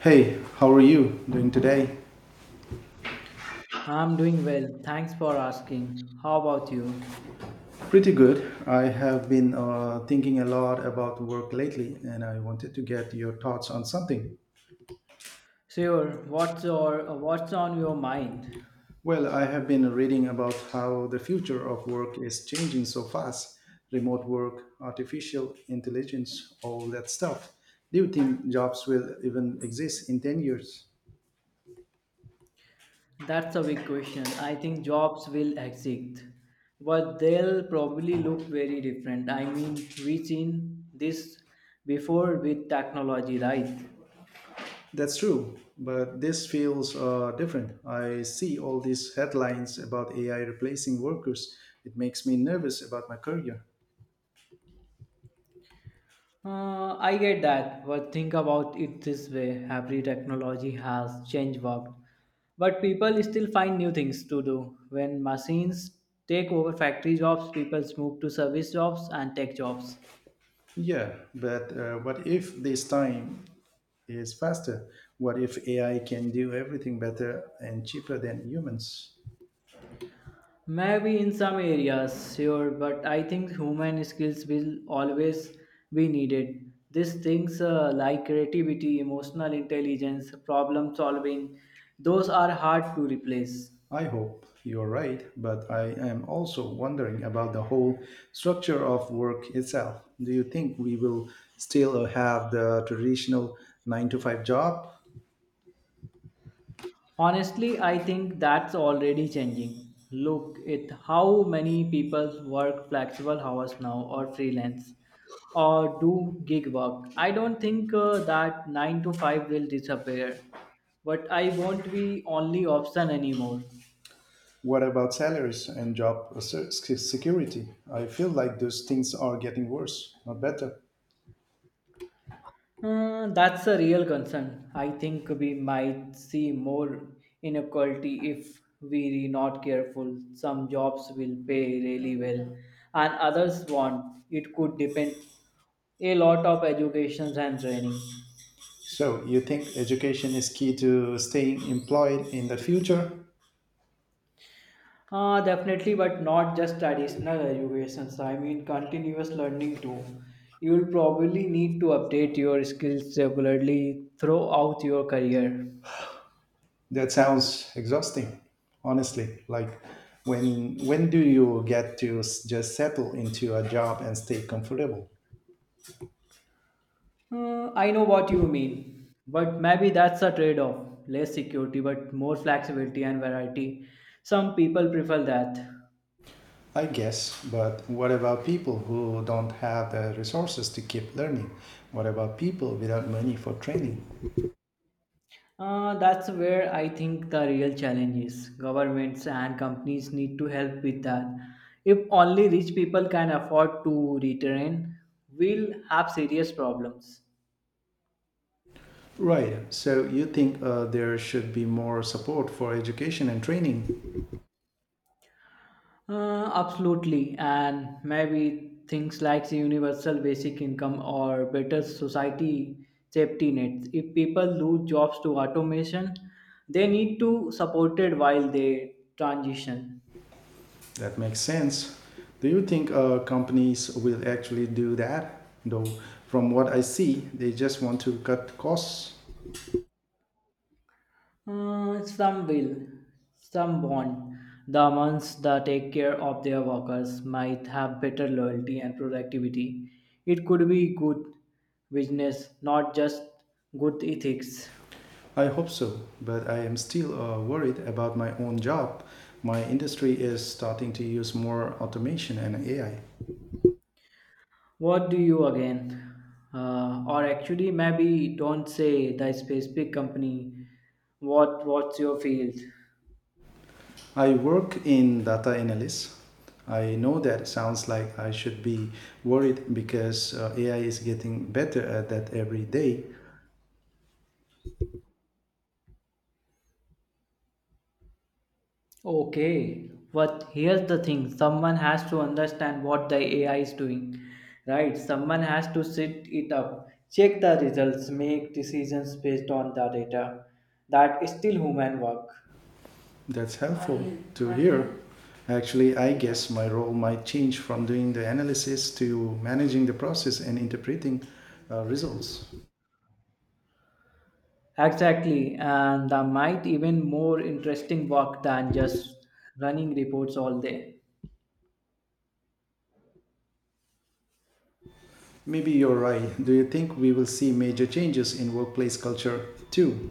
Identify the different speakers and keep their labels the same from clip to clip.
Speaker 1: Hey, how are you doing today?
Speaker 2: I'm doing well. Thanks for asking. How about you?
Speaker 1: Pretty good. I have been thinking a lot about work lately, and I wanted to get your thoughts on something.
Speaker 2: Sure. What's on your mind?
Speaker 1: Well, I have been reading about how the future of work is changing so fast, remote work, artificial intelligence, all that stuff. Do you think jobs will even exist in 10 years?
Speaker 2: That's a big question. I think jobs will exist, but they'll probably look very different. I mean, we've seen this before with technology, right?
Speaker 1: That's true, but this feels different. I see all these headlines about AI replacing workers. It makes me nervous about my career.
Speaker 2: I get that, but think about it this way. Every technology has changed work, but people still find new things to do. When machines take over factory jobs, people move to service jobs and tech jobs.
Speaker 1: Yeah, but what if this time is faster? What if AI can do everything better and cheaper than humans?
Speaker 2: Maybe in some areas, sure, but I think human skills will always be needed. These things like creativity, emotional intelligence, problem solving, those are hard to replace.
Speaker 1: I hope you're right, but I am also wondering about the whole structure of work itself. Do you think we will still have the traditional 9 to 5 job?
Speaker 2: Honestly, I think that's already changing. Look at how many people work flexible hours now or freelance or do gig work. I don't think that 9 to 5 will disappear, but I won't be only option anymore.
Speaker 1: What about salaries and job security? I feel like those things are getting worse, not better.
Speaker 2: That's a real concern. I think we might see more inequality if we are not careful. Some jobs will pay really well, and others won't. It could depend a lot of educations and training.
Speaker 1: So, you think education is key to staying employed in the future?
Speaker 2: Definitely, but not just traditional educations. I mean, continuous learning too. You will probably need to update your skills regularly throughout your career.
Speaker 1: That sounds exhausting, honestly. Like, when do you get to just settle into a job and stay comfortable?
Speaker 2: I know what you mean, but maybe that's a trade off less security, but more flexibility and variety. Some people prefer that.
Speaker 1: I guess, but what about people who don't have the resources to keep learning? What about people without money for training?
Speaker 2: That's where I think the real challenge is. Governments and companies need to help with that. If only rich people can afford to retrain, we'll have serious problems.
Speaker 1: Right. So you think there should be more support for education and training?
Speaker 2: Absolutely, and maybe things like the universal basic income or better society safety nets. If people lose jobs to automation, they need to supported while they transition.
Speaker 1: That makes sense. Do you think companies will actually do that? Though, from what I see, they just want to cut costs.
Speaker 2: Some will, some won't. The ones that take care of their workers might have better loyalty and productivity. It could be good business, not just good ethics.
Speaker 1: I hope so, but I am still worried about my own job. My industry is starting to use more automation and AI.
Speaker 2: What do you again? Or actually, maybe don't say the specific company. What's your field?
Speaker 1: I work in data analysis. I know that sounds like I should be worried because AI is getting better at that every day.
Speaker 2: Okay, but here's the thing. Someone has to understand what the AI is doing, right? Someone has to sit it up, check the results, make decisions based on the data. That is still human work.
Speaker 1: That's helpful to hear. Actually, I guess my role might change from doing the analysis to managing the process and interpreting results.
Speaker 2: Exactly, and that might even more interesting work than just running reports all day.
Speaker 1: Maybe you're right. Do you think we will see major changes in workplace culture too?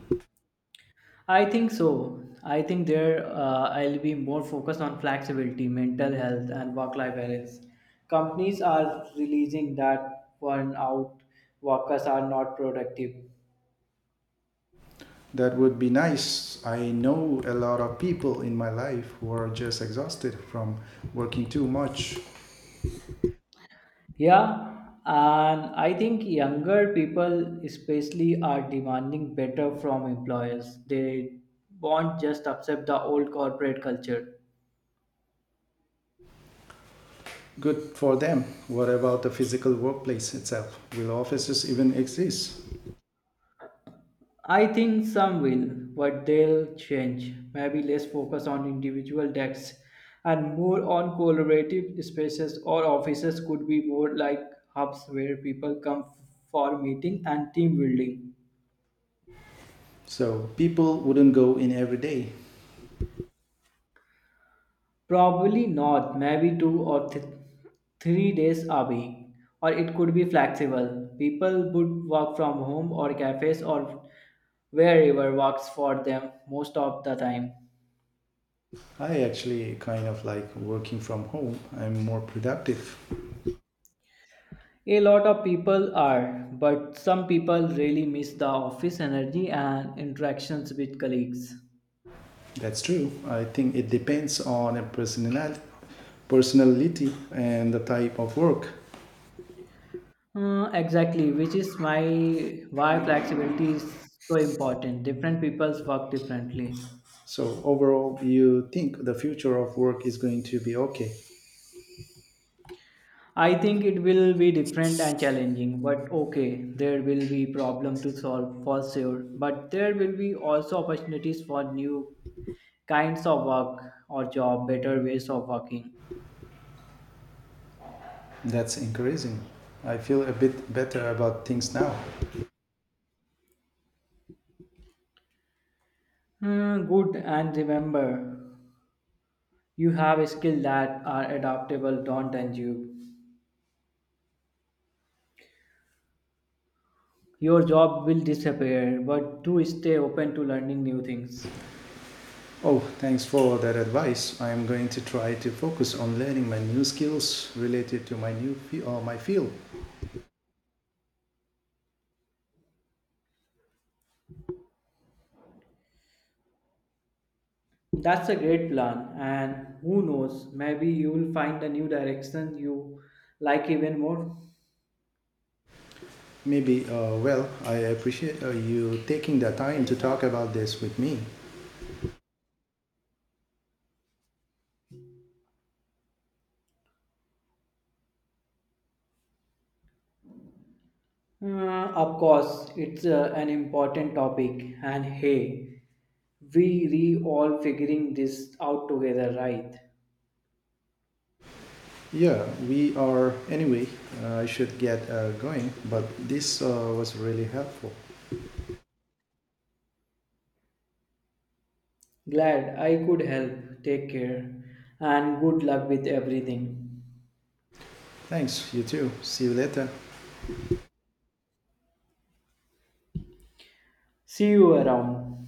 Speaker 2: I think so. I think there I'll be more focused on flexibility, mental health, and work life balance. Companies are releasing that burnout out workers are not productive.
Speaker 1: That would be nice. I know a lot of people in my life who are just exhausted from working too much.
Speaker 2: Yeah, and I think younger people, especially, are demanding better from employers. They won't just accept the old corporate culture.
Speaker 1: Good for them. What about the physical workplace itself? Will offices even exist?
Speaker 2: I think some will, but they'll change. Maybe less focus on individual desks, and more on collaborative spaces or offices could be more like hubs where people come for meeting and team building.
Speaker 1: So people wouldn't go in every day.
Speaker 2: Probably not, maybe 2 or 3 days a week, or it could be flexible. People would work from home or cafes or wherever works for them most of the time.
Speaker 1: I actually kind of like working from home. I'm more productive.
Speaker 2: A lot of people are, but some people really miss the office energy and interactions with colleagues.
Speaker 1: That's true. I think it depends on a personality, personality and the type of work.
Speaker 2: Exactly, which is my why flexibility is so important. Different people's work differently.
Speaker 1: So overall, you think the future of work is going to be okay?
Speaker 2: I think it will be different and challenging, but okay, there will be problem to solve for sure. But there will be also opportunities for new kinds of work or job, better ways of working.
Speaker 1: That's increasing. I feel a bit better about things now.
Speaker 2: Hmm, good, and remember. You have skills that are adaptable, don't end you. Your job will disappear, but do stay open to learning new things.
Speaker 1: Oh, thanks for that advice. I am going to try to focus on learning my new skills related to my new my field.
Speaker 2: That's a great plan, and who knows, maybe you will find a new direction you like even more.
Speaker 1: Maybe, well, I appreciate you taking the time to talk about this with me.
Speaker 2: Of course, it's an important topic, and hey, we re all figuring this out together, right?
Speaker 1: Yeah, we are. Anyway, I should get going, but this was really helpful.
Speaker 2: Glad I could help. Take care, and good luck with everything.
Speaker 1: Thanks, you too. See you later.
Speaker 2: See you around.